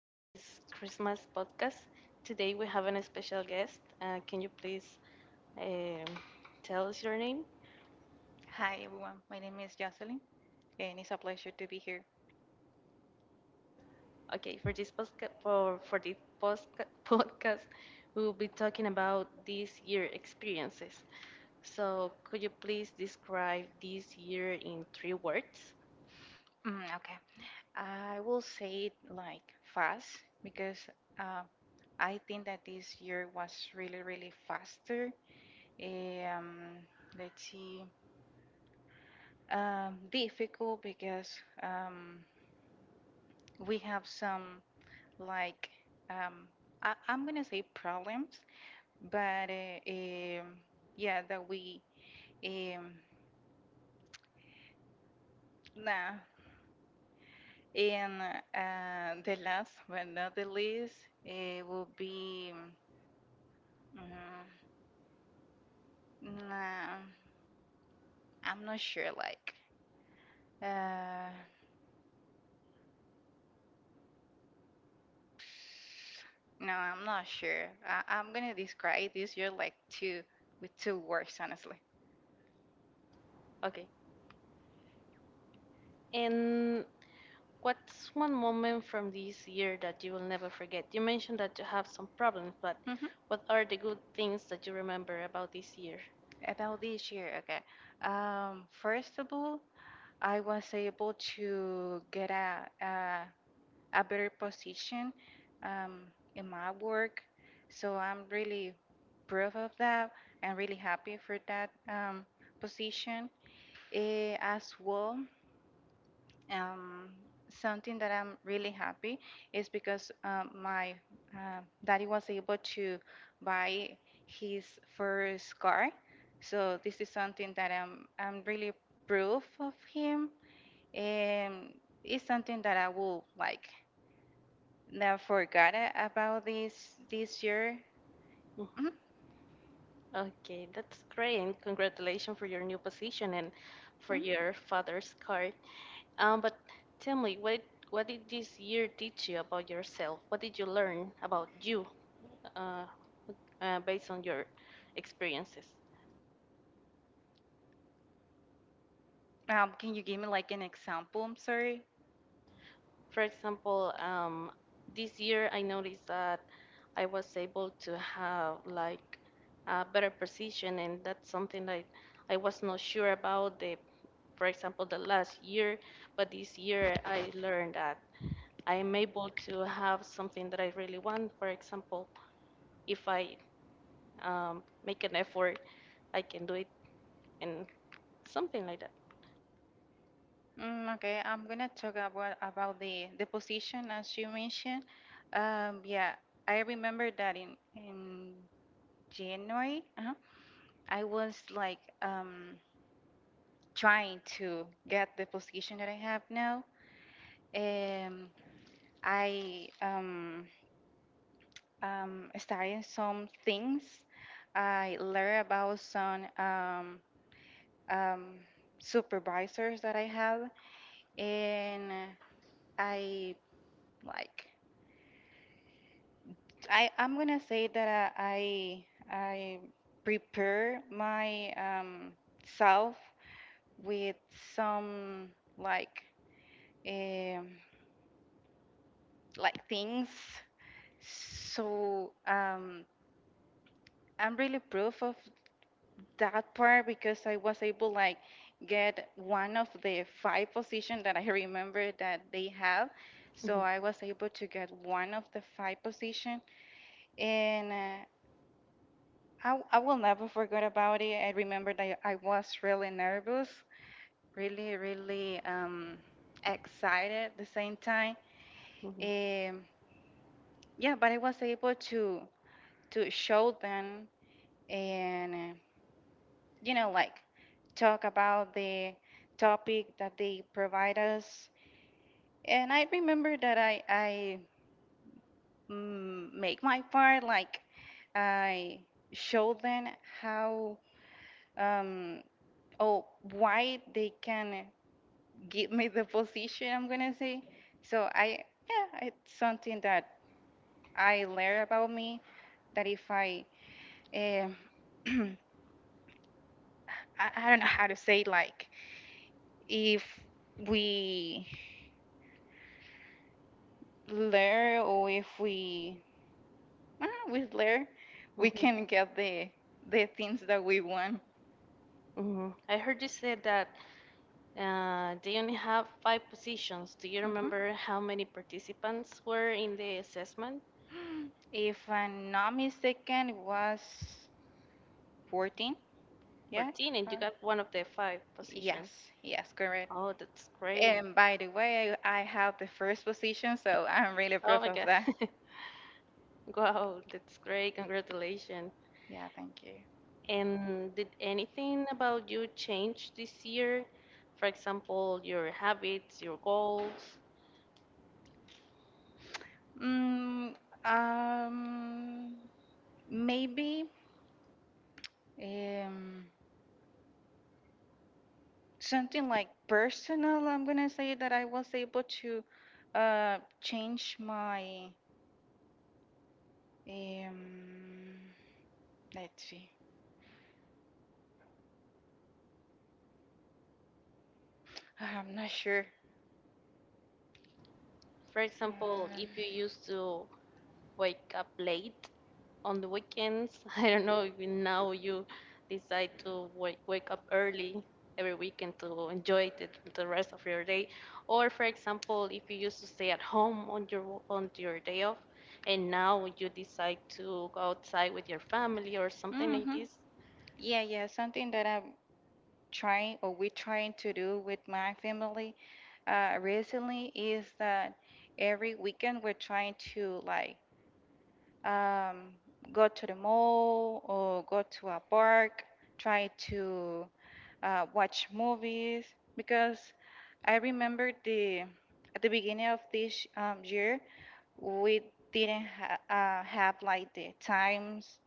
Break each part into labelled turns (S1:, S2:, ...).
S1: to this Christmas podcast. Today we have a special guest. Can you please um, tell us your name?
S2: Hi everyone, my name is Jocelyn, and it's a pleasure to be here.
S1: Okay, for this podcast, we will be talking about this year experiences. So, could you please describe this year in three words?
S2: Okay, I will say it like fast because uh, I think that this year was really, really faster. Um, let's see, difficult because um, we have some like um, I'm gonna say problems, but yeah, that we um, nah. And the last but not the least, it will be. mm, nah, I'm not sure. Like, uh, no, I'm not sure. I'm gonna describe this year like two with two words, honestly.
S1: Okay. And what's one moment from this year that you will never forget? You mentioned that you have some problems, but
S2: hmm
S1: what are the good things that you remember about this year?
S2: About this year, okay. First of all, I was able to get a better position um, in my work. So I'm really proud of that and really happy for that position. As well. Um, something that I'm really happy is because my daddy was able to buy his first car. So this is something that I'm really proof of him, and it's something that I will like. Now forgot about this year. Mhm,
S1: Mhm. Okay, that's great, and congratulations for your new position and for
S2: mhm.
S1: your father's card. But tell me, what did this year teach you about yourself? What did you learn about you, uh, based on your experiences?
S2: Can you give me like an example? I'm sorry.
S1: For example, this year I noticed that I was able to have like a better precision, and that's something that I was not sure about for example, the last year. But this year I learned that I am able to have something that I really want. For example, if I make an effort, I can do it, and something like that.
S2: Okay, I'm gonna talk about the position as you mentioned. Yeah, I remember that in January, I was like trying to get the position that I have now. Um, I studying some things. I learned about some um, supervisors that I have, and I like. I'm gonna say that I prepare my self with some like um, like things. So I'm really proof of that part because I was able like get one of the five position that I remember that they have. So
S1: Mhm,
S2: I was able to get one of the five position and I will never forget about it. I remember that I was really nervous, really, really excited at the same time.
S1: mhm,
S2: Um, yeah, but I was able to show them and you know like talk about the topic that they provide us. And I remember that I make my part, like I show them how, um, oh, why they can give me the position, I'm gonna say. So I, yeah, it's something that I learn about me that if I, um, I don't know how to say, like, if we Later, or if we with Lair, we
S1: mhm,
S2: can get the things that we want.
S1: mhm. I heard you said that they only have five positions. Do you
S2: Mhm.
S1: remember how many participants were in the assessment?
S2: If I'm not mistaken, it was 14. Yeah.
S1: 14,
S2: Uh,
S1: and you got one of the five positions.
S2: Yes. Yes. Correct.
S1: Oh, that's great.
S2: And by the way, I have the first position, so I'm really
S1: Oh
S2: proud
S1: my
S2: of
S1: God.
S2: that.
S1: Wow, that's great. Congratulations.
S2: Yeah. Thank you.
S1: And did anything about you change this year? For example, your habits, your goals.
S2: Mm, um. Maybe. Um. Something like personal, I'm gonna say that I was able to change my um let's see. I'm not sure,
S1: For example,
S2: um
S1: if you used to wake up late on the weekends. I don't know if now you decide to wake up early every weekend to enjoy the rest of your day. Or, for example, if you used to stay at home on your day off, and now you decide to go outside with your family or something like
S2: mm-hmm.
S1: this.
S2: Yeah, yeah, something that I'm trying or we're trying to do with my family recently is that every weekend we're trying to like um go to the mall or go to a park, try to watch movies because I remember the at the beginning of this year we didn't have like the times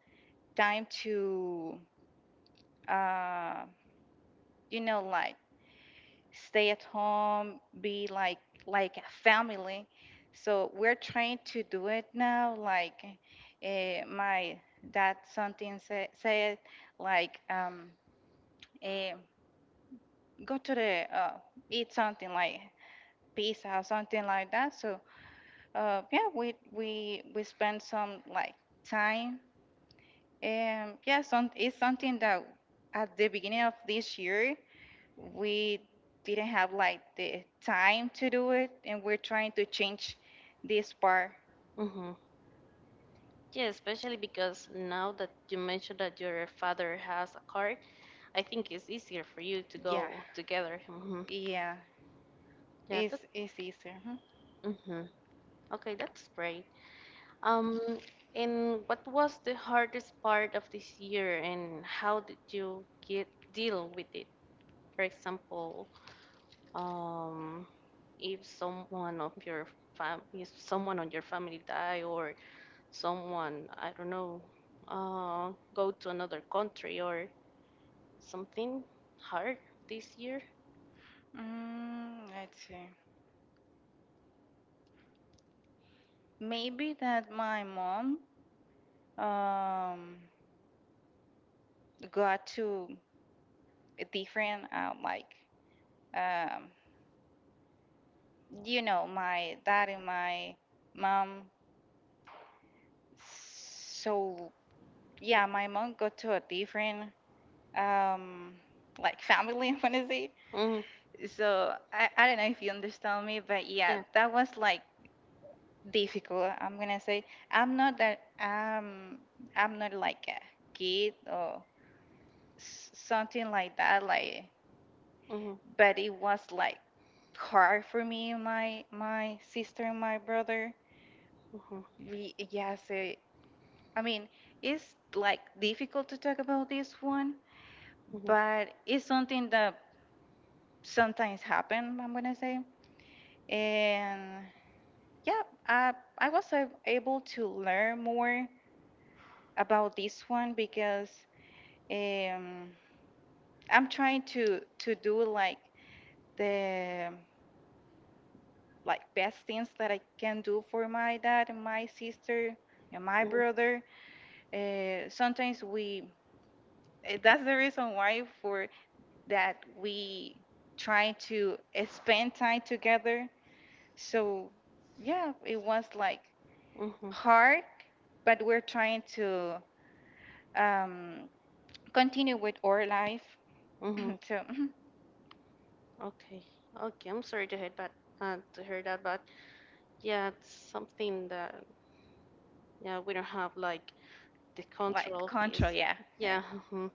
S2: time to uh, you know like stay at home be like a family. So we're trying to do it now like my dad something said like eh, go to the eat something like pizza or something like that. So yeah, we spend some like time. And yeah, some, it's something that at the beginning of this year we didn't have like the time to do it, and we're trying to change this part.
S1: Hmm. Yeah, especially because now that you mentioned that your father has a car, I think it's easier for you to
S2: Yeah,
S1: go together. Hmm.
S2: yeah,
S1: Yeah, that.
S2: it's easier. Huh?
S1: Mhm. Okay, that's great. Um, and what was the hardest part of this year, and how did you get deal with it? For example, um, if someone of your if someone on your family die, or someone I don't know, go to another country or something hard this year.
S2: Let's see. Maybe that my mom um got to a different like um you know, my dad and my mom. So yeah, my mom got to a different um like family, I wanna say.
S1: Mm,
S2: So I don't know if you understand me, but yeah,
S1: yeah.
S2: that was like difficult. I'm gonna say I'm not that I'm not like a kid or something like that. Like,
S1: Mm-hmm.
S2: but it was like hard for me and my sister and my brother.
S1: Mm-hmm.
S2: We, yeah, so I mean, it's like difficult to talk about this one,
S1: Mhm.
S2: but it's something that sometimes happen, I'm gonna say. And yeah, I, I was able to learn more about this one because um, I'm trying to do like the like best things that I can do for my dad and my sister and my
S1: Mhm.
S2: brother. Sometimes we that's the reason why for that we try to spend time together. So yeah, it was like
S1: Mhm.
S2: hard, but we're trying to um, continue with our life.
S1: Mhm.
S2: So
S1: Okay. Okay. I'm sorry to hear that. But yeah, it's something that yeah we don't have like the control
S2: like
S1: of this.
S2: control, yeah, yeah.
S1: Yeah. Mhm.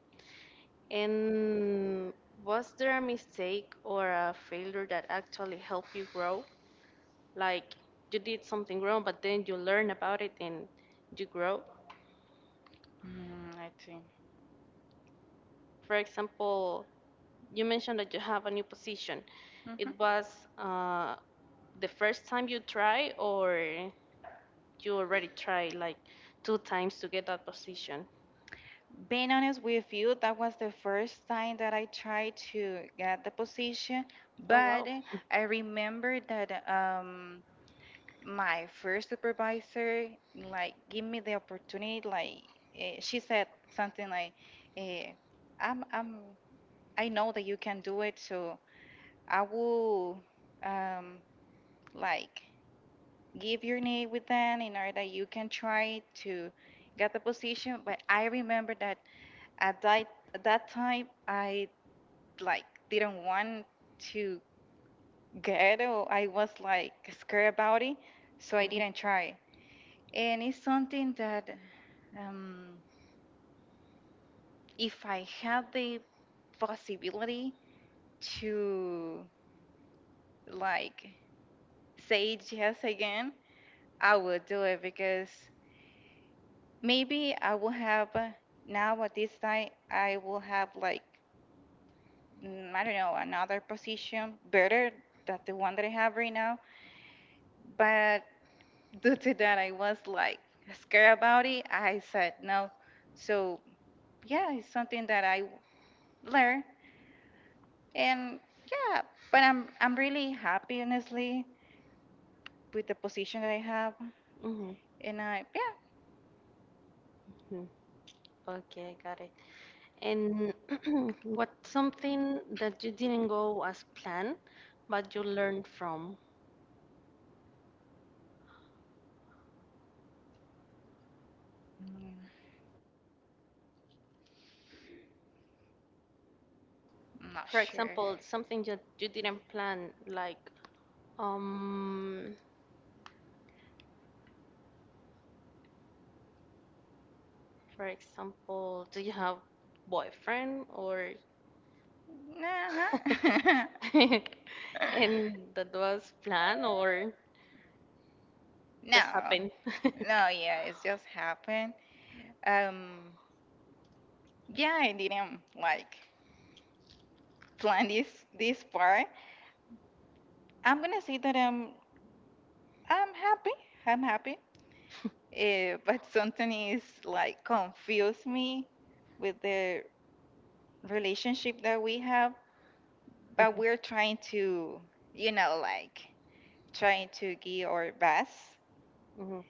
S1: And was there a mistake or a failure that actually helped you grow? Like you did something wrong, but then you learn about it and you grow.
S2: I think.
S1: For example, you mentioned that you have a new position. It
S2: hmm
S1: was uh, the first time you try, or you already tried like two times to get that position.
S2: Being honest with you, that was the first time that I tried to get the position,
S1: Oh
S2: but
S1: wow.
S2: I remember that my first supervisor like give me the opportunity like she said something like eh, I'm I know that you can do it so I will um, like give your name with them in order that you can try to get the position but I remember that at that, at that time I like didn't want to get or I was like scared about it so I
S1: Mhm.
S2: didn't try and it's something that Um, if I had the possibility to like say yes again, I would do it because maybe I will have now at this time I will have like I don't know another position better than the one that I have right now. But due to that, I was like scared about it. I said no. So yeah, it's something that I learned. And yeah, but I'm really happy honestly with the position that I have.
S1: Mhm,
S2: And
S1: mhm. Okay, got it. And what's something that you didn't go as planned, but you learned from?
S2: mm, I'm not
S1: For
S2: sure.
S1: example, something that you didn't plan, like Um, for example, do you have boyfriend or
S2: Nah.
S1: and that was planned or just
S2: No.
S1: happened?
S2: No, yeah, it's just happened. Um, yeah, I didn't like plan this part. I'm gonna say that I'm happy. I'm happy. But something is like confuse me with the relationship that we have but
S1: Mhm,
S2: we're trying to, you know, like trying to give our best.
S1: mhm.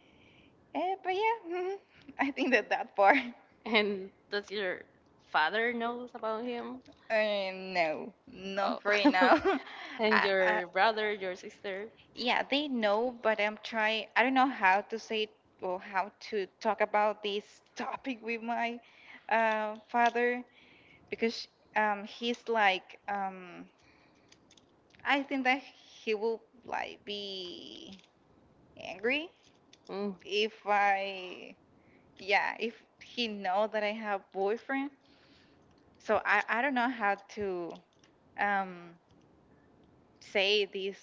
S2: But yeah, mhm, I think that that part.
S1: And does your father knows about him?
S2: No, not
S1: Oh.
S2: right now.
S1: And
S2: I, I,
S1: your brother, your sister?
S2: yeah, they know, but I'm trying. I don't know how to say it or how to talk about this topic with my father because he's like, I think that he will like be angry
S1: Mm.
S2: if I yeah, if he know that I have boyfriend, so I don't know how to um say this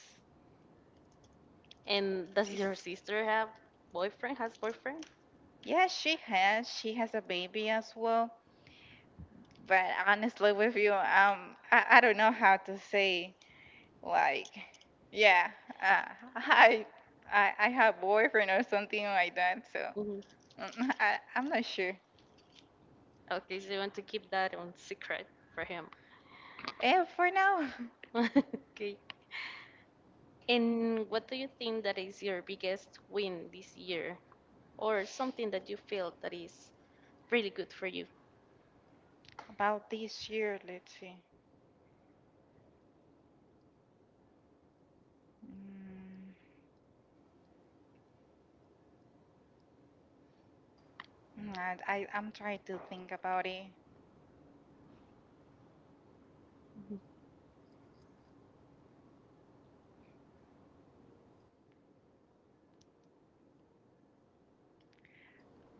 S1: And does
S2: this.
S1: your sister have boyfriend? Has boyfriend?
S2: Yeah, she has a baby as well. But honestly, with you, I don't know how to say like, yeah, uh, I I have boyfriend or something like that. So
S1: Mhm.
S2: I'm not sure.
S1: Okay, so you want to keep that on secret for him.
S2: And for now,
S1: Okay. And what do you think that is your biggest win this year, or something that you feel that is really good for you?
S2: about this year, let's see. I'm trying to think about it.
S1: Mhm.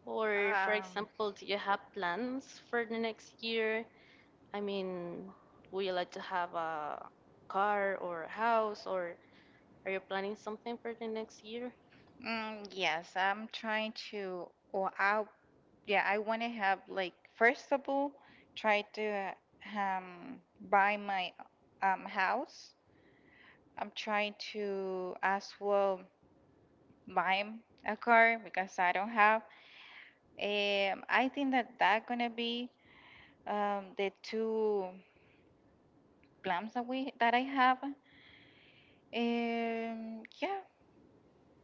S1: Or, for
S2: Um,
S1: example, do you have plans for the next year? I mean, would you like to have a car or a house, or are you planning something for the next year?
S2: yes, I'm trying to, or I, yeah, I want to have like, first of all, try to um buy my house. I'm trying to as well buy a car because I don't have. I think that that gonna be the two plans that we that I have. Yeah.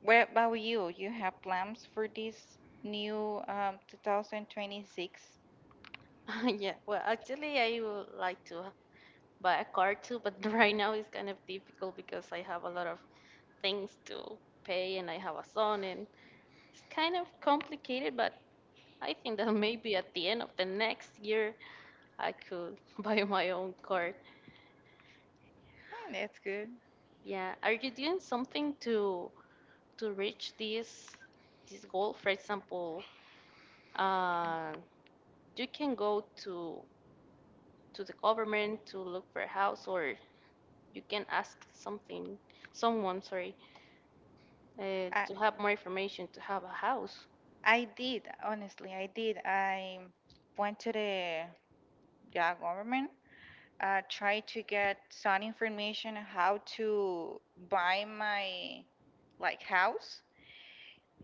S2: What about you? You have plans for this new 2026?
S1: Yeah, well, actually, I would like to buy a car too, but right now it's kind of difficult because I have a lot of things to pay and I have a son, and it's kind of complicated, but I think that maybe at the end of the next year I could buy my own car.
S2: Hmm, that's good.
S1: Yeah, are you doing something to reach this goal? For example, uh, you can go to the government to look for a house, or you can ask something someone, sorry,
S2: I
S1: to have more information to have a house.
S2: I did honestly. I did. I went to the yeah government. Tried to get some information on how to buy my like house,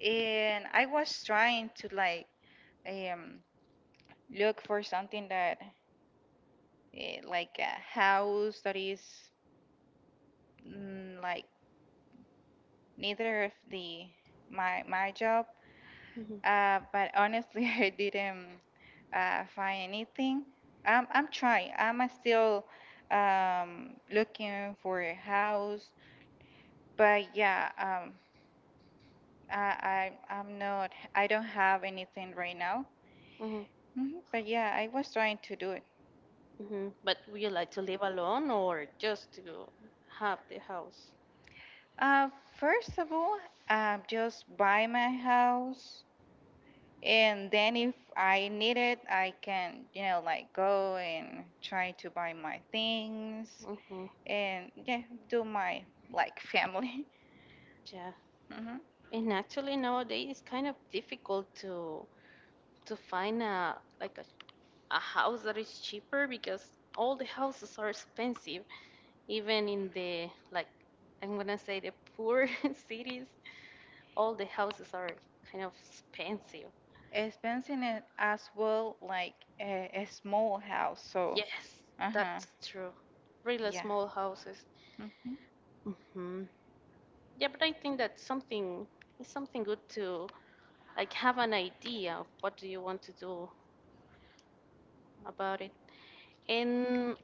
S2: and I was trying to like um look for something that like a house that is. Like neither of the my job.
S1: Hmm.
S2: But honestly, I didn't find anything. I'm trying. I'm still looking for a house. But yeah, I I'm not. I don't have anything right now.
S1: Hmm.
S2: Mhm. But yeah, I was trying to do it.
S1: Hmm. But would you like to live alone or just to have the house?
S2: Uh, first of all, just buy my house. And then if I need it, I can, you know, like go and try to buy my things
S1: Mm-hmm.
S2: and yeah, do my like family.
S1: Yeah,
S2: hmm
S1: and actually nowadays it's kind of difficult to find a like a house that is cheaper because all the houses are expensive. Even in the like I'm gonna say the poor cities, all the houses are kind of expensive.
S2: It's in it as well, like a small house. So,
S1: Yes,
S2: uh-huh,
S1: that's true. Really
S2: yeah.
S1: small houses.
S2: hmm
S1: Mm-hmm. Yeah, but I think that's something it's something good to like have an idea of what do you want to do about it. And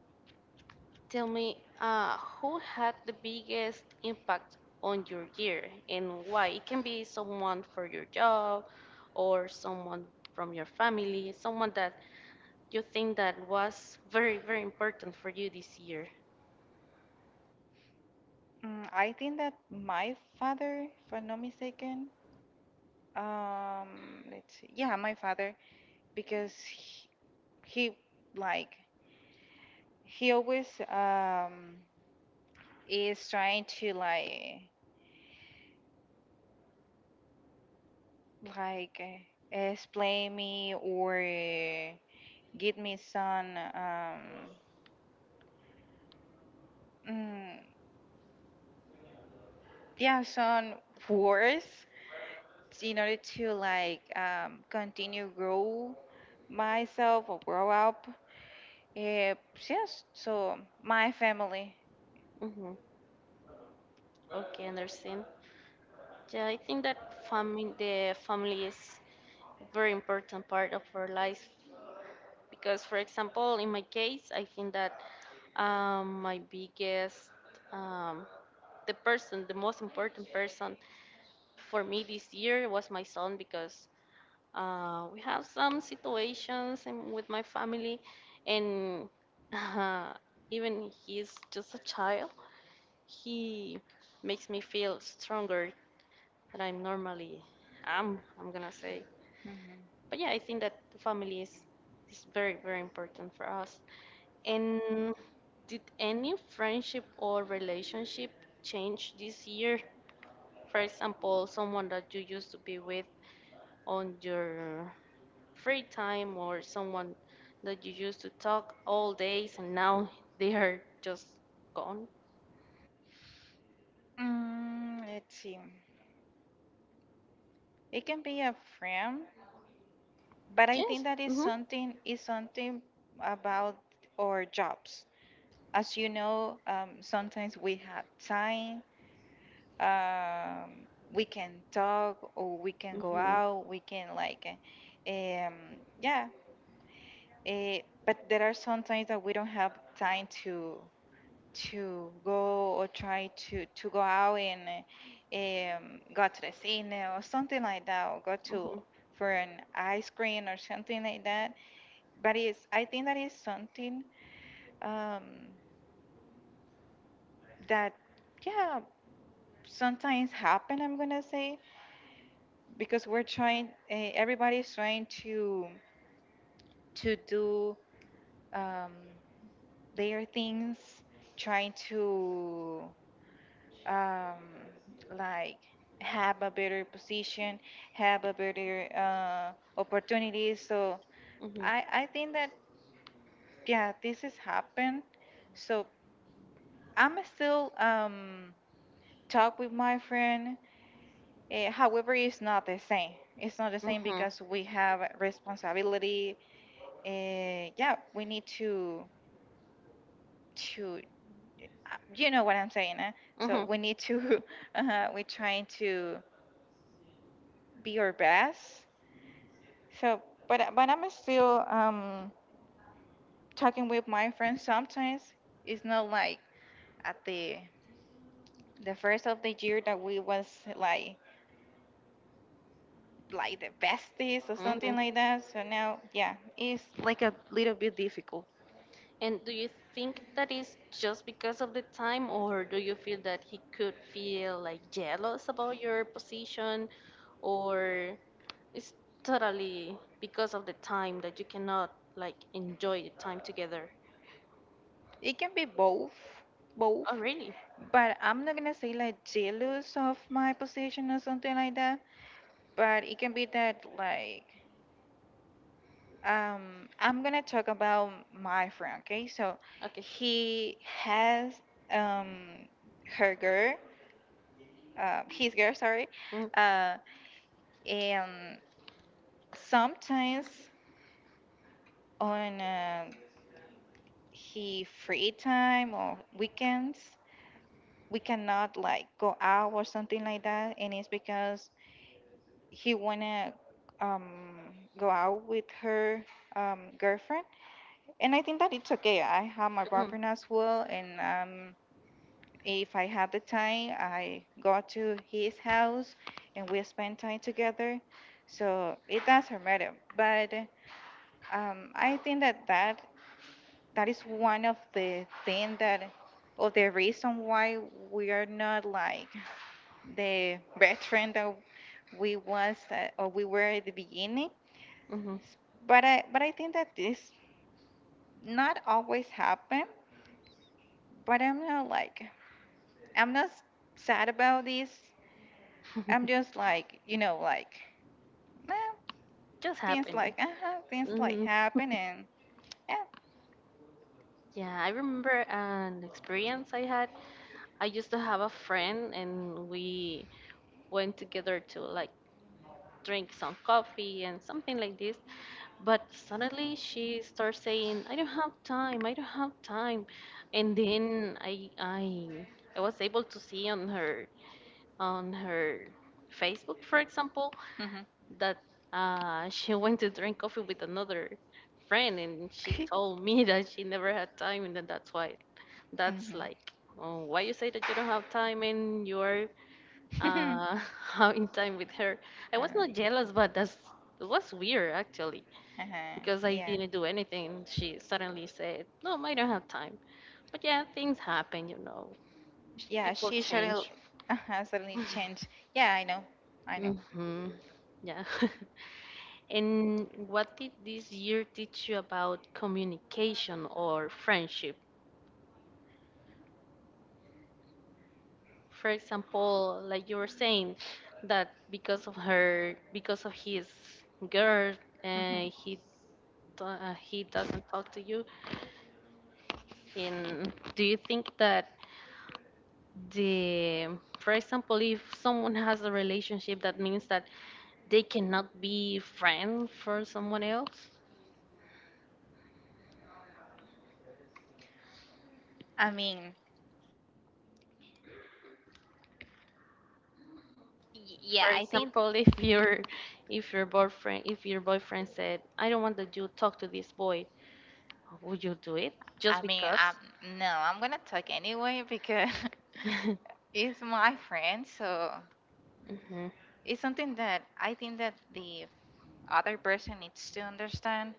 S1: tell me, who had the biggest impact on your year and why? It can be someone for your job or someone from your family, someone that you think that was very, very important for you this year.
S2: I think that my father, if I'm not mistaken, um, let's see, yeah, my father, because he like he always is trying to like explain me or give me some mm, yeah some words in order to like continue grow myself or grow up uh, yes so my family.
S1: Mm-hmm. Okay, understand. Yeah, I think that family, the family is a very important part of our life because, for example, in my case, I think that my biggest um, the person, the most important person for me this year was my son because we have some situations in, with my family, and uh, even he's just a child, he makes me feel stronger than I'm normally am. I'm gonna say,
S2: hmm
S1: but yeah, I think that the family is very very important for us. And did any friendship or relationship change this year? For example, someone that you used to be with on your free time or someone that you used to talk all days and now they are just gone.
S2: Let's see. It can be a friend, but I think
S1: Yes.
S2: that
S1: Mhm.
S2: is something about our jobs. As you know, sometimes we have time. We can talk or we can go
S1: Mhm.
S2: out. We can like, yeah. Uh, but there are some times that we don't have time to go or try to go out and go to the cinema or something like that, or go to
S1: Mhm.
S2: for an ice cream or something like that. But it's I think that is something um, that yeah sometimes happen I'm gonna say because we're trying everybody's trying to do um, their things trying to um, like have a better position have a better opportunity so
S1: Mhm.
S2: I think that yeah this has happened so I'm still talk with my friend. However, it's not the same. It's not the same
S1: Mhm.
S2: because we have responsibility. Yeah, we need to you know what I'm saying. Eh? So
S1: Mhm.
S2: we need to we're trying to be our best. So, but I'm still talking with my friends sometimes. It's not like at the first of the year that we was like like the besties or something
S1: Mhm.
S2: like that. So now, yeah, it's like a little bit difficult.
S1: And do you think that is just because of the time, or do you feel that he could feel like jealous about your position, or it's totally because of the time that you cannot like enjoy the time together.
S2: It can be both,
S1: Oh,
S2: both,
S1: really?
S2: but I'm not gonna say like jealous of my position or something like that. But it can be that I'm gonna talk about my friend, okay? So
S1: Okay.
S2: he has um her girl, his girl, sorry, uh, and sometimes on he free time or weekends we cannot like go out or something like that and it's because he wanna um, go out with her girlfriend, and I think that it's okay. I have my
S1: Mm-hmm.
S2: boyfriend as well, and if I had the time, I go to his house and we spend time together. So it doesn't matter. But I think that is one of the thing that of the reason why we are not like the best friend that we was or we were at the beginning.
S1: Hmm.
S2: S- but I think that this not always happen. But I'm not sad about this. I'm just like like eh,
S1: Just
S2: things
S1: happening.
S2: like things like
S1: Hmm.
S2: happen, and yeah.
S1: Yeah, I remember an experience I had. I used to have a friend, and we went together to like drink some coffee and something like this. But suddenly she starts saying, "I don't have time. I don't have time," and then I was able to see on her Facebook, for example,
S2: Mhm.
S1: that she went to drink coffee with another friend, and she told me that she never had time, and then that's why, that's
S2: Mhm.
S1: like, oh, why you say that you don't have time and you're uh, having time with her. I
S2: uh,
S1: was not jealous, but that's it was weird actually
S2: uh-huh.
S1: because I
S2: Yeah.
S1: didn't do anything. She suddenly said, no, I don't have time, but yeah, things happen, you know,
S2: Yeah,
S1: people
S2: she suddenly
S1: change.
S2: suddenly changed. Yeah, I know.
S1: Hmm. Yeah. And what did this year teach you about communication or friendship? For example, like you were saying, that because of her, because of his girl,
S2: Mhm.
S1: uh, he he doesn't talk to you. And do you think that the, for example, if someone has a relationship, that means that they cannot be friend for someone else?
S2: I mean,
S1: For
S2: yeah, I think.
S1: example, if your boyfriend said, "I don't want that you talk to this boy," would you do it just
S2: I mean,
S1: because?
S2: no, I'm gonna talk anyway because it's my friend, so
S1: Hmm.
S2: it's something that I think that the other person needs to understand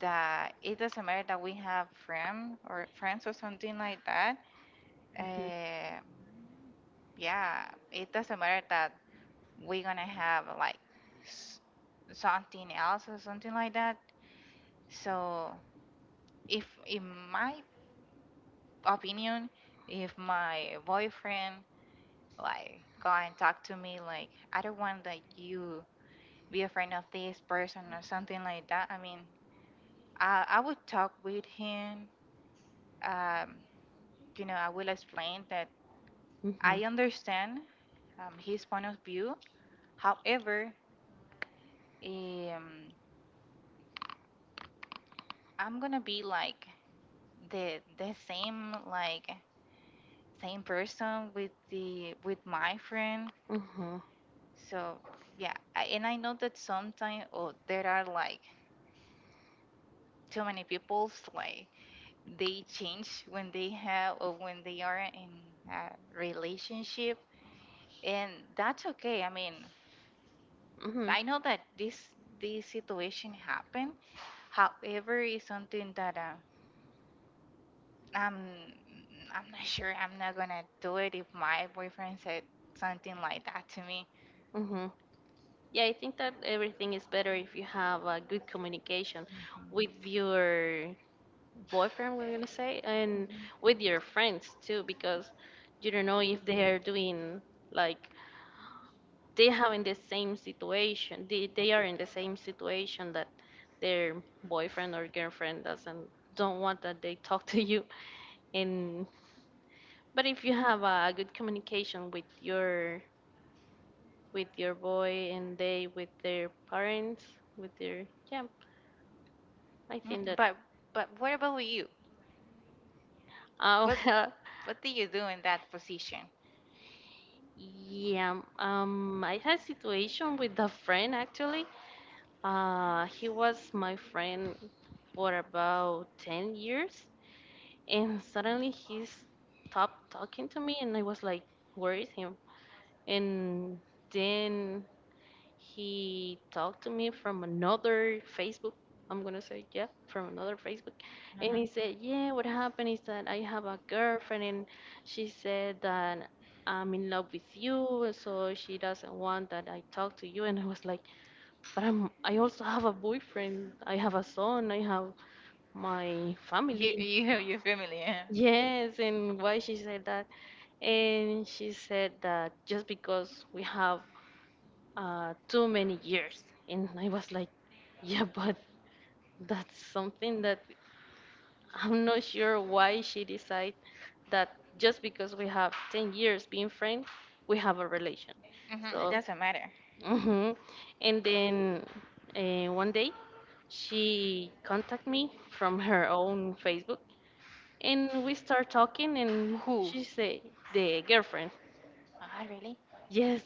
S2: that it doesn't matter that we have friend or friends or something like that. Uh, yeah, it doesn't matter that we're gonna have like s- something else or something like that. So if, in my opinion, if my boyfriend like go and talk to me like I don't want that you be afraid of this person or something like that. I mean, I would talk with him. Um, I will explain that
S1: Hmm.
S2: I understand his point of view. However, um, I'm gonna be like the same same person with the with my friend.
S1: Hmm.
S2: So yeah, and I know that sometimes oh, there are like too many people's like they change when they have or when they are in a relationship, and that's okay. I mean,
S1: Hmm.
S2: I know that this situation happened. However, it's something that i'm I'm not sure. I'm not gonna do it if my boyfriend said something like that to me.
S1: Hmm. Yeah, I think that everything is better if you have a good communication with
S2: Mhm.
S1: your boyfriend, we're gonna say, and
S2: Mhm.
S1: with your friends too, because you don't know if they are doing like they have in the same situation they are in the same situation that their boyfriend or girlfriend doesn't don't want that they talk to you, and but if you have a good communication with your boy, and they with their parents with their yeah, I
S2: Mm,
S1: think that
S2: but what about you?
S1: uh,
S2: what what do you do in that position?
S1: yeah I had a situation with a friend, actually. He was my friend for about 10 years and suddenly he stopped talking to me, and I was like, where is him? And then he talked to me from another Facebook, I'm gonna say, yeah, from another Facebook, and he
S2: Uh-huh.
S1: said, yeah, what happened is that I have a girlfriend and she said that I'm in love with you, so she doesn't want that I talk to you. And I was like, but I also have a boyfriend, I have a son, I have my
S2: you
S1: family.
S2: you your family, huh?
S1: Yes, and why she said that? And she said that just because we have too many years. And I was like, yeah, but that's something that I'm not sure why she decided that just because we have 10 years being friends, we have a relation.
S2: Hmm. It
S1: So,
S2: doesn't matter
S1: hmm and then one day she contacted me from her own Facebook, and we start talking, and
S2: who.
S1: she say the girlfriend,
S2: Ah, really?
S1: yes.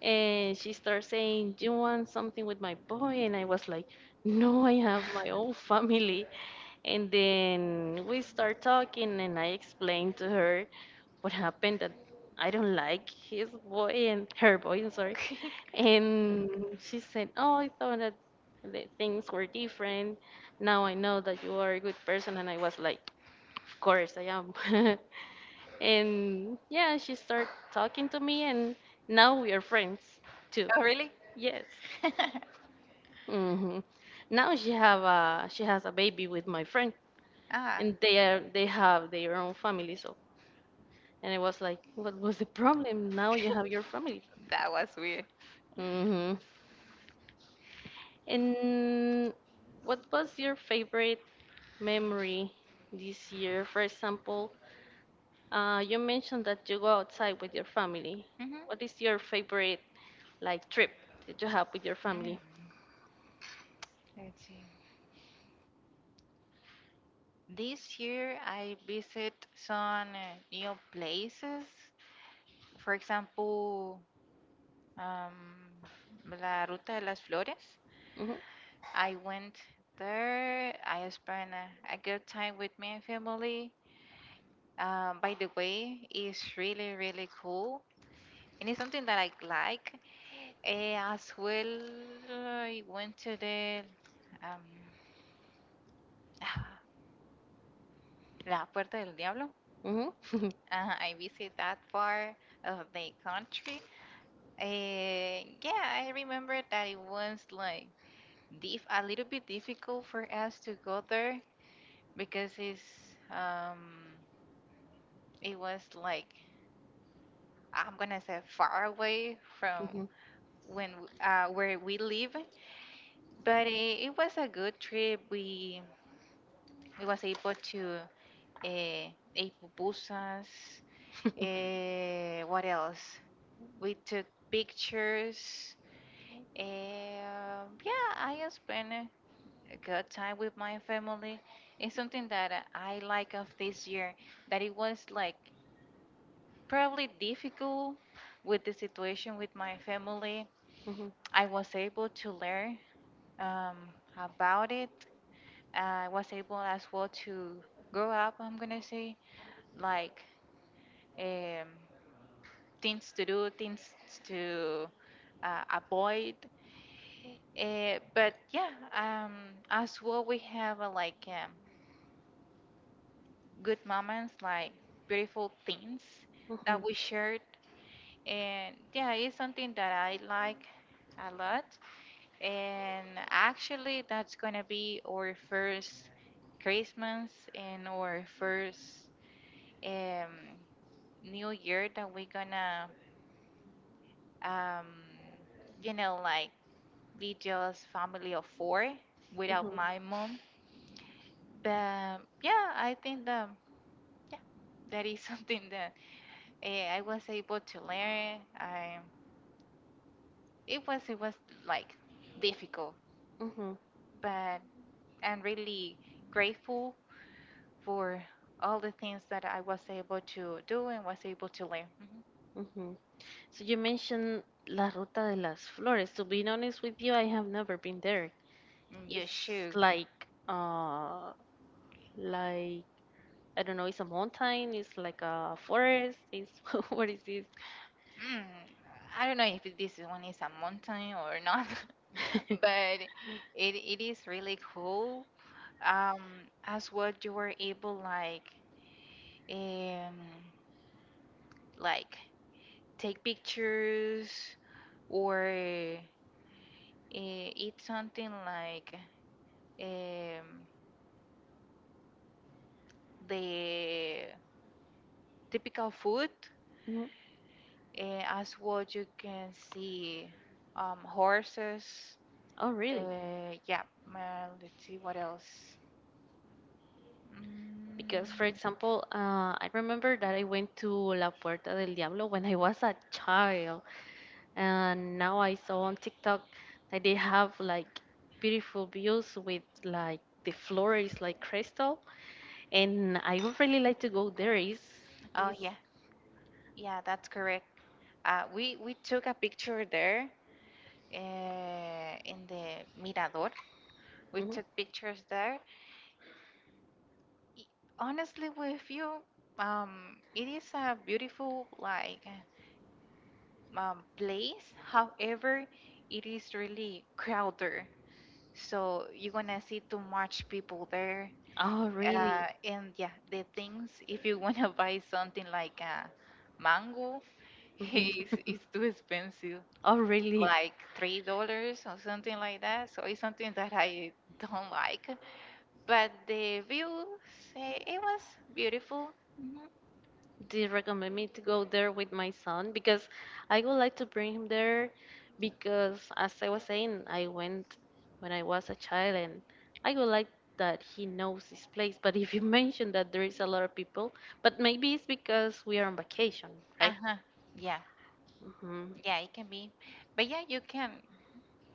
S1: And she starts saying, "Do you want something with my boy?" And I was like, "No, I have my own family." And then we start talking, and I explained to her what happened, that I don't like his boy and her boy, I'm sorry.
S2: Okay.
S1: And
S2: Mm.
S1: she said, "Oh, I thought that the things were different. Now I know that you are a good person." And I was like, "Of course I am." And yeah, she started talking to me, and now we are friends too.
S2: Oh, really?
S1: Yes. hmm Now she has a baby with my friend,
S2: Ah,
S1: and they have their own family. So, and it was like, what was the problem? Now you have your family.
S2: that was weird.
S1: hmm And what was your favorite memory this year? For example, you mentioned that you go outside with your family.
S2: Mm-hmm.
S1: What is your favorite like trip that you have with your
S2: Mm.
S1: family?
S2: Let's see. This year I visit some new places. For example, um, La Ruta de las Flores.
S1: Mhm.
S2: I went there. I spent a good time with my family. By the way, it's really, really cool. And it's something that I like. As well, I went to the um, La Puerta del Diablo.
S1: Mhm.
S2: I visit that part of the country. Yeah, I remember that it was like diff a little bit difficult for us to go there because um, it was like I'm gonna say far away from
S1: Mhm.
S2: where we live, but it was a good trip. We was able to uh, eat pupusas. What else? We took pictures. Yeah, I have spent a good time with my family. It's something that I like of this year that it was like probably difficult with the situation with my family.
S1: Mhm.
S2: I was able to learn um, about it. I was able as well to grow up. I'm gonna say like um, things to do, things to avoid. But yeah, um, as well, we have like good moments, like beautiful things
S1: Mhm.
S2: that we shared. And yeah, it's something that I like a lot. And actually, that's gonna be our first Christmas and our first um, New Year that we're gonna, um, like be just family of four without
S1: Mhm.
S2: my mom. But yeah, I think that yeah, that is something that I was able to learn. I It was like difficult,
S1: Mhm.
S2: but I'm really grateful for all the things that I was able to do and was able to learn. Mhm.
S1: Mhm. So you mentioned La Ruta de las Flores. To be honest with you, I have never been there.
S2: You
S1: It's
S2: should.
S1: like I don't know, it's a mountain, it's like a forest, it's what is this?
S2: Mm, I don't know if this one is a mountain or not, but it is really cool. Um as well, you were able um like take pictures or eat something like um the typical food.
S1: Mhm.
S2: As well, you can see horses.
S1: Oh, really?
S2: Yeah. uh, let's see, what else.
S1: Because, for
S2: mm,
S1: example, I remember that I went to La Puerta del Diablo when I was a child, and now I saw on TikTok that they have like beautiful views with like the floor is like crystal, and I would really like to go there.
S2: oh
S1: Is
S2: yeah, yeah, that's correct. We took a picture there, in the Mirador. We
S1: Mhm.
S2: took pictures there. I- Honestly, with you, it is a beautiful place. However, it is really crowded, so you're gonna see too much people there.
S1: Oh, really?
S2: And yeah, the things if you wanna buy something like a mango,
S1: Mhm.
S2: it's, it's too expensive,
S1: Oh, really?
S2: like $3 or something like that. So it's something that I don't like. But the view, say, it was beautiful. Hmm.
S1: Do you recommend me to go there with my son? Because I would like to bring him there because, as I was saying, I went when I was a child and I would like that he knows this place. But if you mention that there is a lot of people, but maybe it's because we are on vacation, right?
S2: Uh-huh. Yeah.
S1: hmm
S2: Yeah, it can be. But yeah, you can.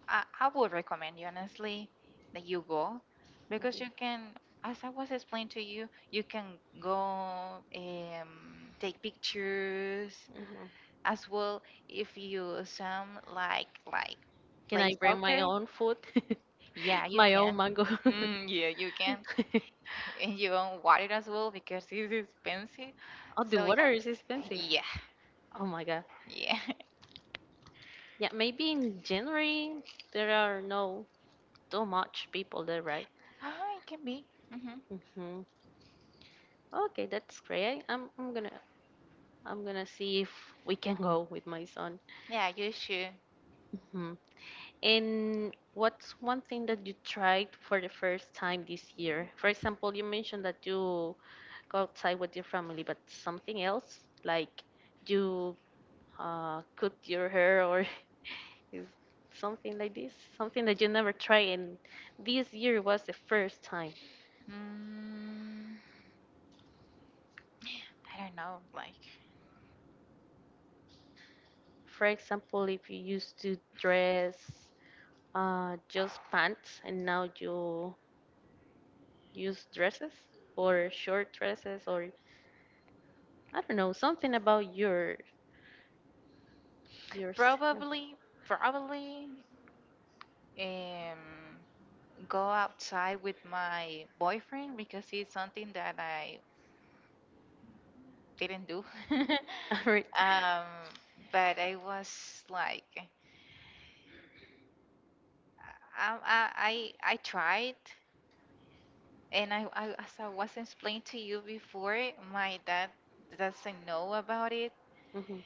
S2: I would recommend you, honestly, that you go because you can, as I was explained to you, you can go take pictures
S1: hmm
S2: as well. If you some like
S1: Can
S2: play
S1: I bring my
S2: soccer,
S1: own food?
S2: yeah, you
S1: My
S2: can.
S1: own mango.
S2: Mm, yeah, you can. And you don't want it as well because it's expensive.
S1: Oh, the
S2: So
S1: water is
S2: yeah,
S1: expensive.
S2: yeah,
S1: Oh my God.
S2: yeah.
S1: Yeah, maybe in January there are no, too much people there, right?
S2: Ah, it can be. Hmm.
S1: hmm Okay, that's great. I'm gonna see if we can go with my son.
S2: Yeah, you should.
S1: hmm And what's one thing that you tried for the first time this year? For example, you mentioned that you go outside with your family, but something else like you cut your hair or is something like this, something that you never tried, and this year was the first time.
S2: Mm, I don't know, like
S1: For example, if you used to dress just pants and now you use dresses or short dresses or I don't know something about your
S2: probably, probably um go outside with my boyfriend because it's something that I didn't do.
S1: right.
S2: um, but I was like, I tried. And as I was explained to you before, my dad doesn't know about it.
S1: Mm-hmm,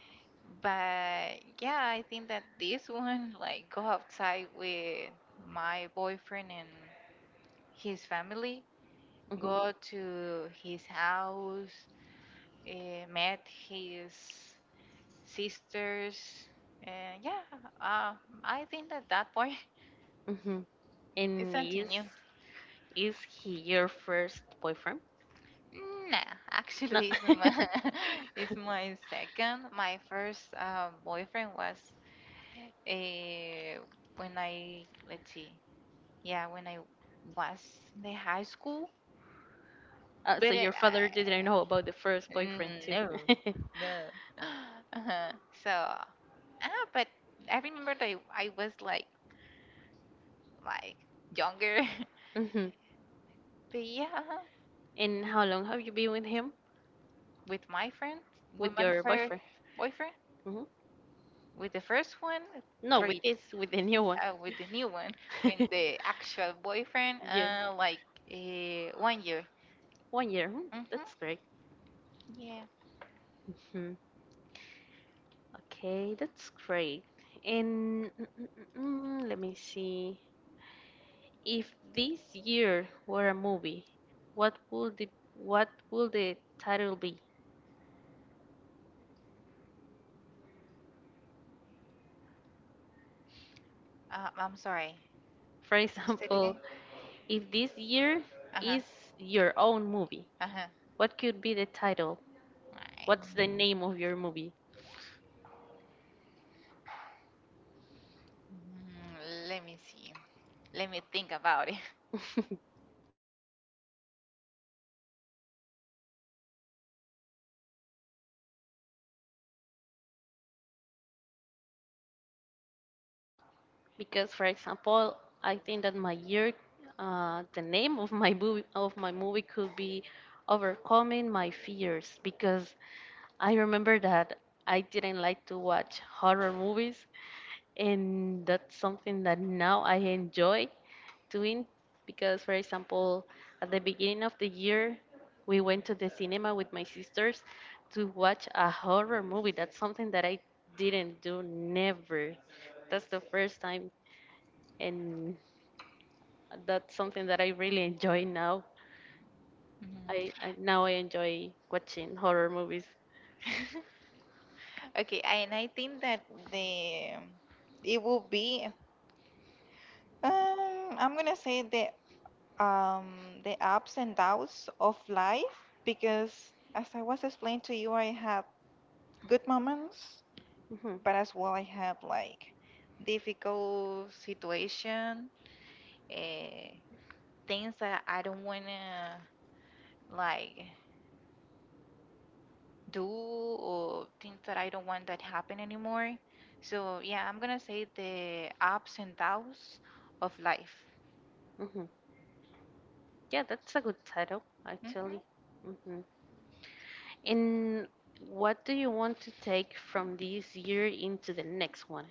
S2: But yeah, I think that this one, like, go outside with my boyfriend and his family,
S1: mm-hmm,
S2: go to his house, met his sisters, and yeah, uh, I think that point
S1: mm-hmm.
S2: is
S1: And
S2: something
S1: is
S2: new.
S1: is he your first boyfriend?
S2: Mm, nah,
S1: No.
S2: actually, it's my second. My first boyfriend was uh, let's see, yeah, when I was in the high school.
S1: So
S2: But
S1: your father didn't know about the first boyfriend too?
S2: no, no. Uh-huh. So, ah, but I remember that I was like younger.
S1: Mm-hmm.
S2: But yeah, uh-huh.
S1: And how long have you been with him,
S2: With my friend, with
S1: with
S2: my
S1: your
S2: first
S1: boyfriend?
S2: boyfriend,
S1: Mm-hmm.
S2: with the first one,
S1: No,
S2: three.
S1: with this, with the new one.
S2: With the new one, with the actual boyfriend,
S1: Yeah,
S2: like 1 year.
S1: one year.
S2: Mm-hmm.
S1: That's great.
S2: Yeah.
S1: hmm Okay, that's great. And let me see. If this year were a movie, what would the title be?
S2: I'm sorry.
S1: For
S2: Say it again.
S1: example, if this year
S2: Uh huh.
S1: is your own movie,
S2: Uh huh.
S1: what could be the title?
S2: Right.
S1: What's the name of your movie?
S2: Mm, let me see. Let me think about it.
S1: Because, for example, I think that my year, the name of my movie could be overcoming my fears, because I remember that I didn't like to watch horror movies, and that's something that now I enjoy doing because, for example, at the beginning of the year, we went to the cinema with my sisters to watch a horror movie. That's something that I didn't do never. That's the first time, and that's something that I really enjoy now.
S2: Mhm.
S1: I enjoy watching horror movies.
S2: Okay, and I think that the it will be I'm gonna say the ups and downs of life because as I was explained to you, I had good moments
S1: hmm
S2: but as well I have like difficult situation, uh, things that I don't wanna like do or things that I don't want that happen anymore. So yeah, I'm gonna say the ups and downs of life.
S1: Yeah, that's a good title,
S2: Hmm.
S1: actually. hmm And what do you want to take from this year into the next one?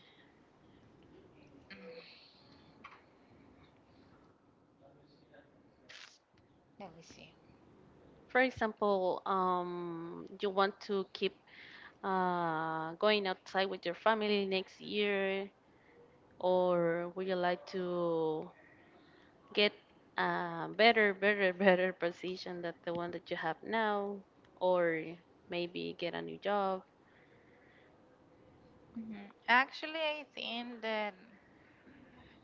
S2: Let me see.
S1: For example, you want to keep going outside with your family next year, or would you like to get a better position than the one that you have now, or maybe get a new job?
S2: Mhm. Actually, I think that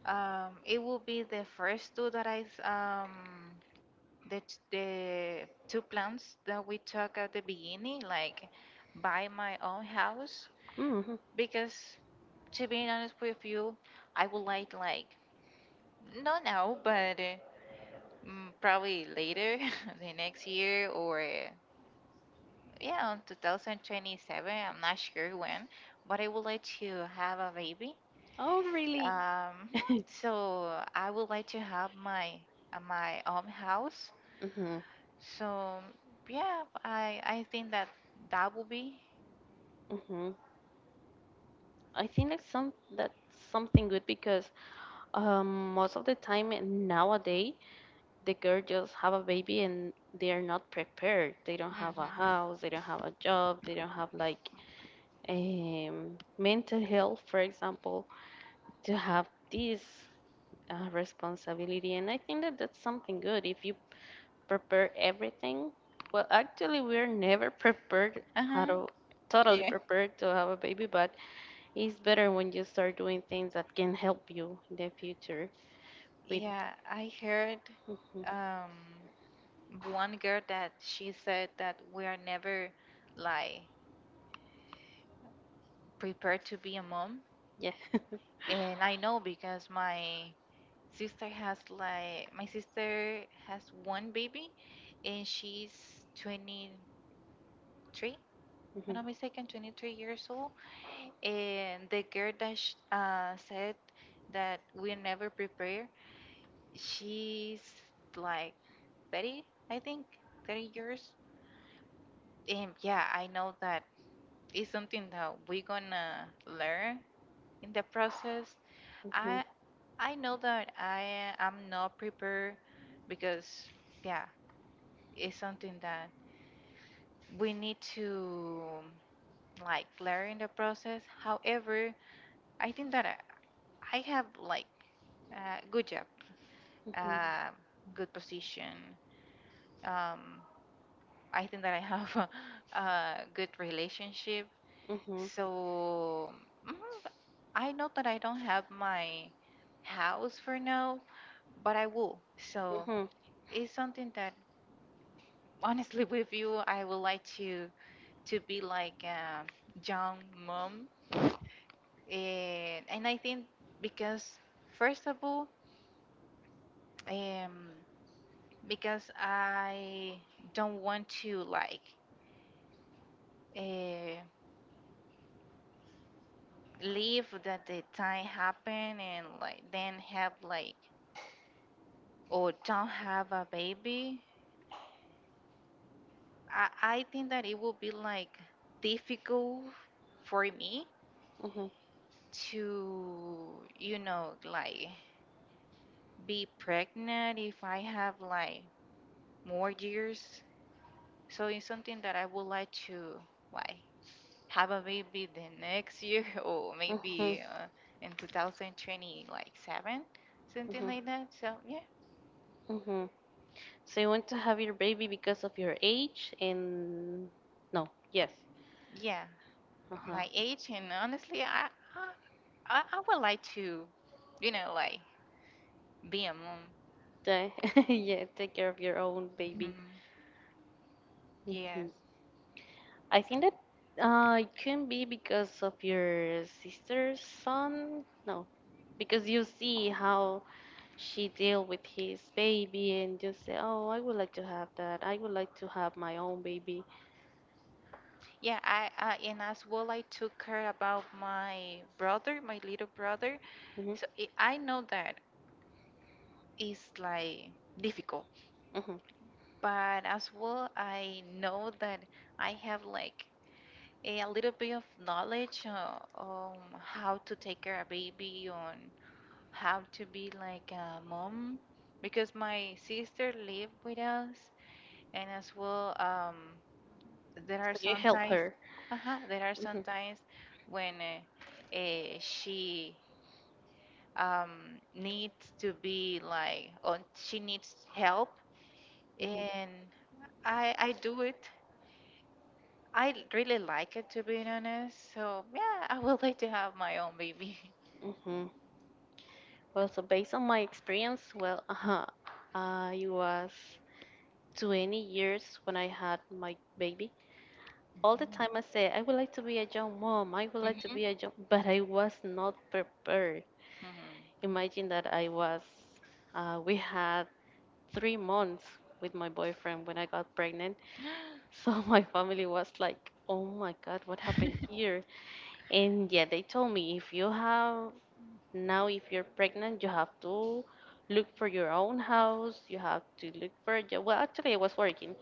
S2: it will be the first two that the two plans that we talked at the beginning, like buy my own house,
S1: hmm
S2: because to be honest with you, I would like not now, but probably later, the next year or yeah, on 2027. I'm not sure when, but I would like to have a baby.
S1: Oh, really?
S2: Um, so I would like to have my own house.
S1: hmm
S2: So yeah, I think that that will be.
S1: hmm I think that's something good because most of the time nowadays the girl just have a baby and they are not prepared. They don't have a
S2: Hmm.
S1: house, they don't have a job, they don't have like mental health, for example, to have this responsibility. And I think that that's something good if you prepare everything. Well, actually, we're never prepared how
S2: Uh-huh.
S1: to totally
S2: Yeah.
S1: prepared to have a baby, but it's better when you start doing things that can help you in the future. With.
S2: Yeah, I heard
S1: Hmm,
S2: um one girl that she said that we are never like prepared to be a mom.
S1: yeah.
S2: And I know because my sister has one baby and she's 23, if I'm
S1: Mhm,
S2: not mistaken, 23 years old. And the girl that said that we never prepare, she's like 30, I think, 30 years. And yeah, I know that it's something that we're gonna learn in the process.
S1: mhm,
S2: I I know that I am not prepared because, yeah, it's something that we need to, like, learn in the process. However, I think that I have, like, a good job,
S1: mhm,
S2: uh, good position. Um, I think that I have a good relationship.
S1: mhm,
S2: So, mm, I know that I don't have my house for now, but I will. So
S1: mhm,
S2: it's something that, honestly with you, I would like to be, like, a young mom, and I think, because first of all, um, because I don't want to, like. Uh, Leave that the time happen and, like, then have, like, or don't have a baby. I think that it will be, like, difficult for me
S1: mhm,
S2: to, like be pregnant if I have, like, more years. So it's something that I would like to, like, have a baby the next year or
S1: mhm,
S2: maybe in two thousand twenty like seven, something
S1: mhm,
S2: like that. So, yeah,
S1: mhm. So you want to have your baby because of your age and no, yes.
S2: yeah,
S1: Uh-huh.
S2: my age. And honestly, I would like to, like be a mom.
S1: Ta- yeah, take care of your own baby.
S2: Mhm. Yes.
S1: hmm I think that it can be because of your sister's son. No. Because you see how she deal with his baby and just say, "Oh, I would like to have that. I would like to have my own baby."
S2: Yeah, I and as well I took care about my brother, my little brother.
S1: hmm
S2: So, I know that is, like, difficult,
S1: hmm
S2: but as well I know that I have, like, a little bit of knowledge on how to take care of a baby, on how to be, like, a mom because my sister lived with us. And as well, there are
S1: So you help
S2: sometimes
S1: her.
S2: uh there are
S1: hmm
S2: sometimes when she needs to be, like, on she needs help.
S1: hmm
S2: And I do it. I really like it, to be honest. So, yeah, I would like to have my own baby.
S1: hmm Well, so based on my experience, well, uh-huh, I was 20 years when I had my baby. All the time I say, "I would like to be a young mom. I would like to
S2: hmm
S1: be a young," but I was not prepared. Imagine that I was. We had 3 months with my boyfriend when I got pregnant, so my family was like, "Oh my God, what happened here?" And yeah, they told me if you have now, if you're pregnant, you have to look for your own house. You have to look for a job. Well, actually, I was working,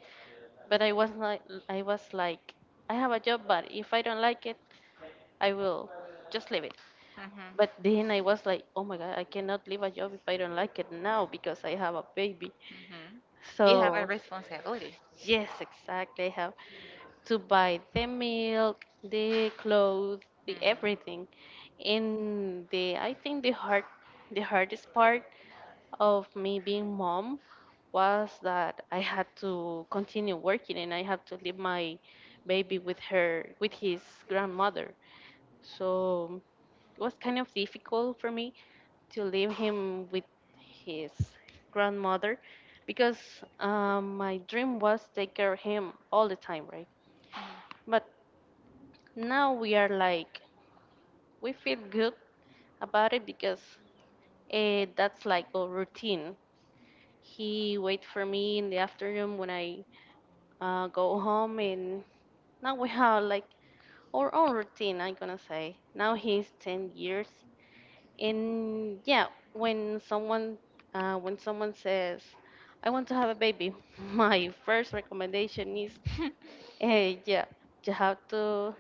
S1: but I was like, I have a job, but if I don't like it, I will just leave it.
S2: hmm
S1: But then I was like, "Oh my God, I cannot leave a job if I don't like it now because I have a baby."
S2: hmm You have a
S1: So
S2: responsibility.
S1: yes, exactly. I have to buy the milk, the clothes, the
S2: Hmm
S1: everything. And the I think the hardest part of me being mom was that I had to continue working and I had to leave my baby with his grandmother. So it was kind of difficult for me to leave him with his grandmother because my dream was take care of him all the time, right? But now we are like, we feel good about it because that's like a routine. He wait for me in the afternoon when I go home, and now we have like our own routine. I'm gonna say now he's 10 years, and yeah, when someone says, "I want to have a baby," my first recommendation is,
S2: hmm
S1: yeah, you have to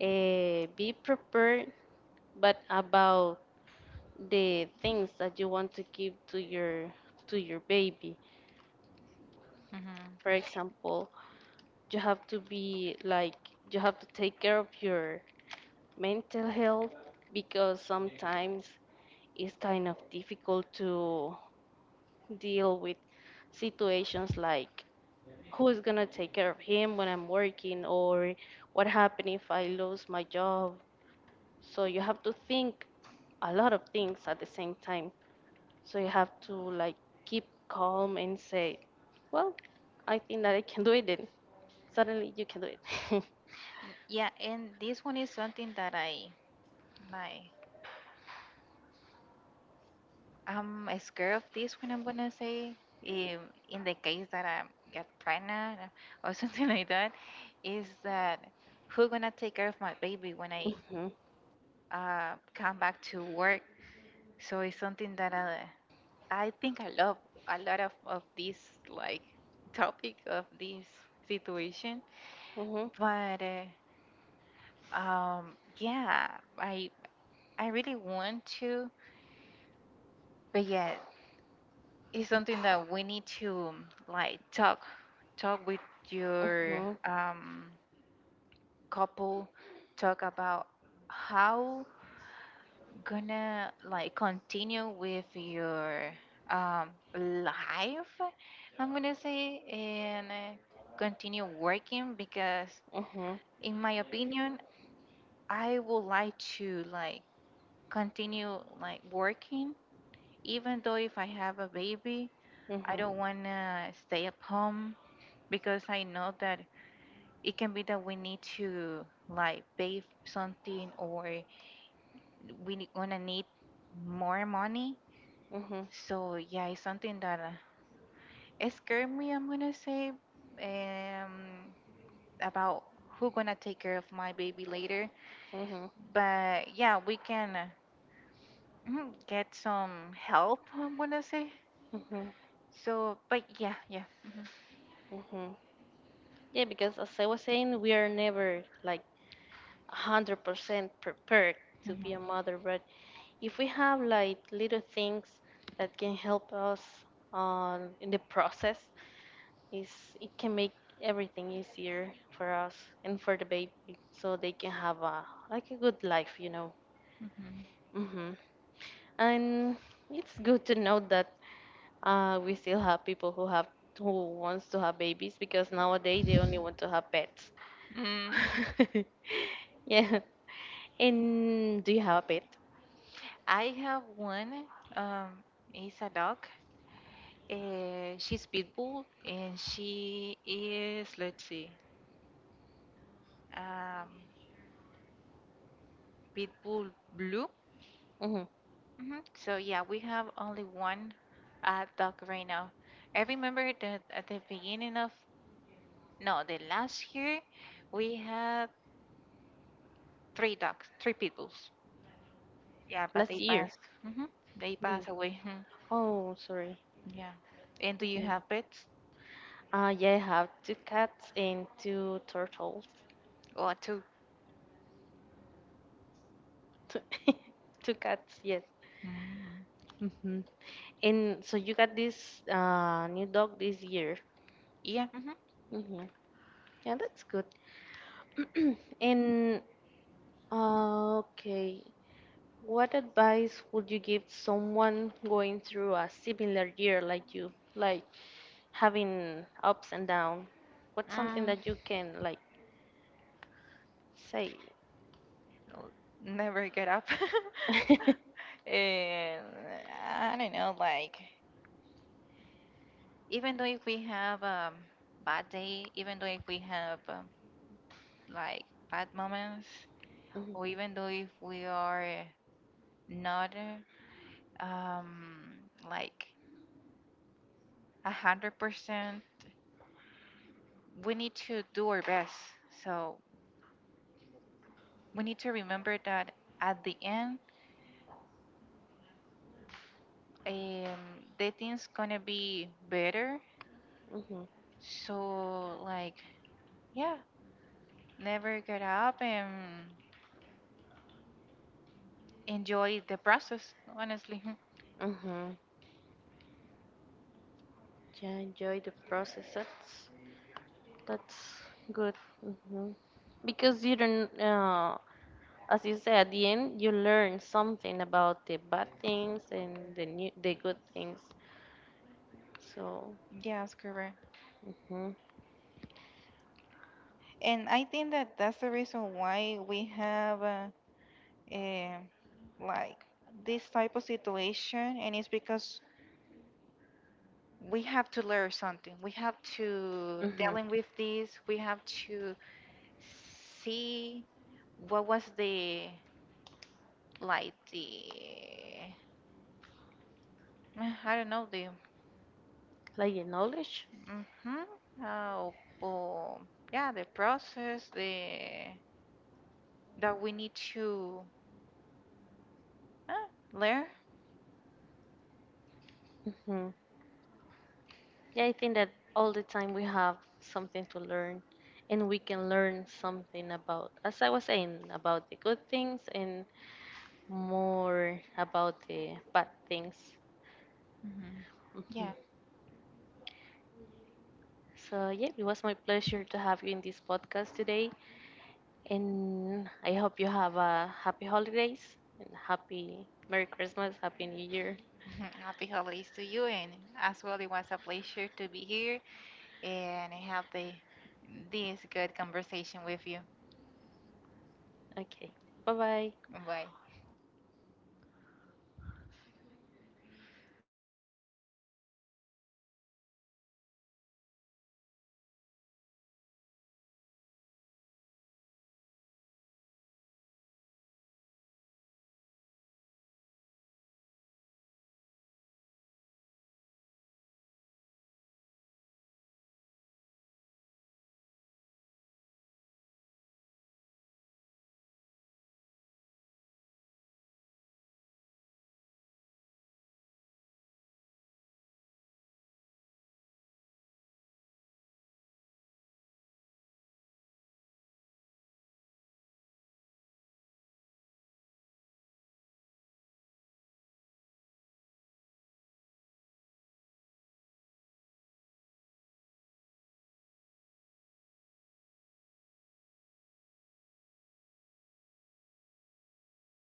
S1: be prepared, but about the things that you want to give to your baby. For example, you have to be like you have to take care of your mental health because sometimes it's kind of difficult to deal with situations like who is gonna take care of him when I'm working or what happened if I lose my job. So you have to think a lot of things at the same time. So you have to like keep calm and say, "Well, I think that I can do it." Then suddenly you can do it.
S2: Yeah, and this one is something that I like. I'm scared of this. When I'm gonna say, in the case that I get pregnant or something like that, is that who gonna take care of my baby when I
S1: Mhm.
S2: come back to work? So it's something that I think I love a lot of this, like, topic, of this situation,
S1: Mhm.
S2: but. Yeah, I I really want to, but yeah, it's something that we need to, like, talk with your
S1: Mhm.
S2: couple, talk about how gonna, like, continue with your um life, I'm gonna say, and continue working because,
S1: Mhm.
S2: in my opinion, I would like to, like, continue, like, working, even though if I have a baby. I
S1: Mhm.
S2: don't want to stay at home because I know that it can be that we need to, like, pay something or we gonna need more money.
S1: Mhm.
S2: So yeah, it's something that it scared me, I'm gonna say, um, about who gonna take care of my baby later.
S1: Mhm.
S2: But, yeah, we can mhm, get some help, I'm gonna say.
S1: Mhm.
S2: So, but yeah, yeah.
S1: Mhm. Yeah, because as I was saying, we are never like 100% prepared to be a
S2: hmm
S1: mother, but if we have like little things that can help us in the process, is it can make everything easier for us and for the baby so they can have a like a good life.
S2: hmm
S1: hmm and it's good to know that we still have people who wants to have babies because nowadays they only want to have pets.
S2: Mm,
S1: Yeah, and do you have a pet?
S2: I have one. Um, it's a dog. She's Pitbull, and she is, let's see, um, Pitbull Blue.
S1: hmm
S2: Hmm So, yeah, we have only one dog right now. I remember that at the beginning of, no, the last year, we had three dogs, three Pitbulls. Yeah, but
S1: Last
S2: they
S1: year.
S2: passed. Hmm They
S1: Mhm.
S2: passed away. Mhm.
S1: Oh, sorry.
S2: Yeah. And do you
S1: Mhm.
S2: have pets?
S1: Yeah, I have two cats and two turtles.
S2: Or two?
S1: Two cats. Yes.
S2: Mm.
S1: And so you got this new dog this year.
S2: Yeah. hmm
S1: Hmm, yeah, that's good. And okay, what advice would you give someone going through a similar year like you, like having ups and downs? What's something
S2: Mm,
S1: that you can like say?
S2: Never get up. And I don't know, like, even though if we have a bad day, even though if we have like, bad moments,
S1: Mhm,
S2: or even though if we are not um, like 100%, we need to do our best. So we need to remember that, at the end, um, the thing's gonna be better.
S1: mhm,
S2: So, like, yeah, never get up and enjoy the process, honestly.
S1: mhm. Yeah, enjoy the process. That's good. hmm Because you don't. As you say, at the end, you learn something about the bad things and the good things. So,
S2: Yes, correct.
S1: mm-hmm.
S2: And I think that that's the reason why we have eh, like, this type of situation, and it's because we have to learn something. We have to
S1: Mm-hmm.
S2: dealing with this. We have to see what was, the like, the I don't know, the
S1: Like the knowledge.
S2: mm-hmm, oh, yeah, the process, the that we need to uh, learn.
S1: Hmm, yeah, I think that all the time we have something to learn, and we can learn something about, as I was saying, about the good things and more about the bad things.
S2: Hmm
S1: hmm
S2: Yeah.
S1: So yeah, it was my pleasure to have you in this podcast today. And I hope you have a happy holidays and happy Merry Christmas, Happy New Year.
S2: Happy holidays to you, and as well, it was a pleasure to be here and have the this good conversation with you.
S1: Okay. Bye bye.
S2: Bye.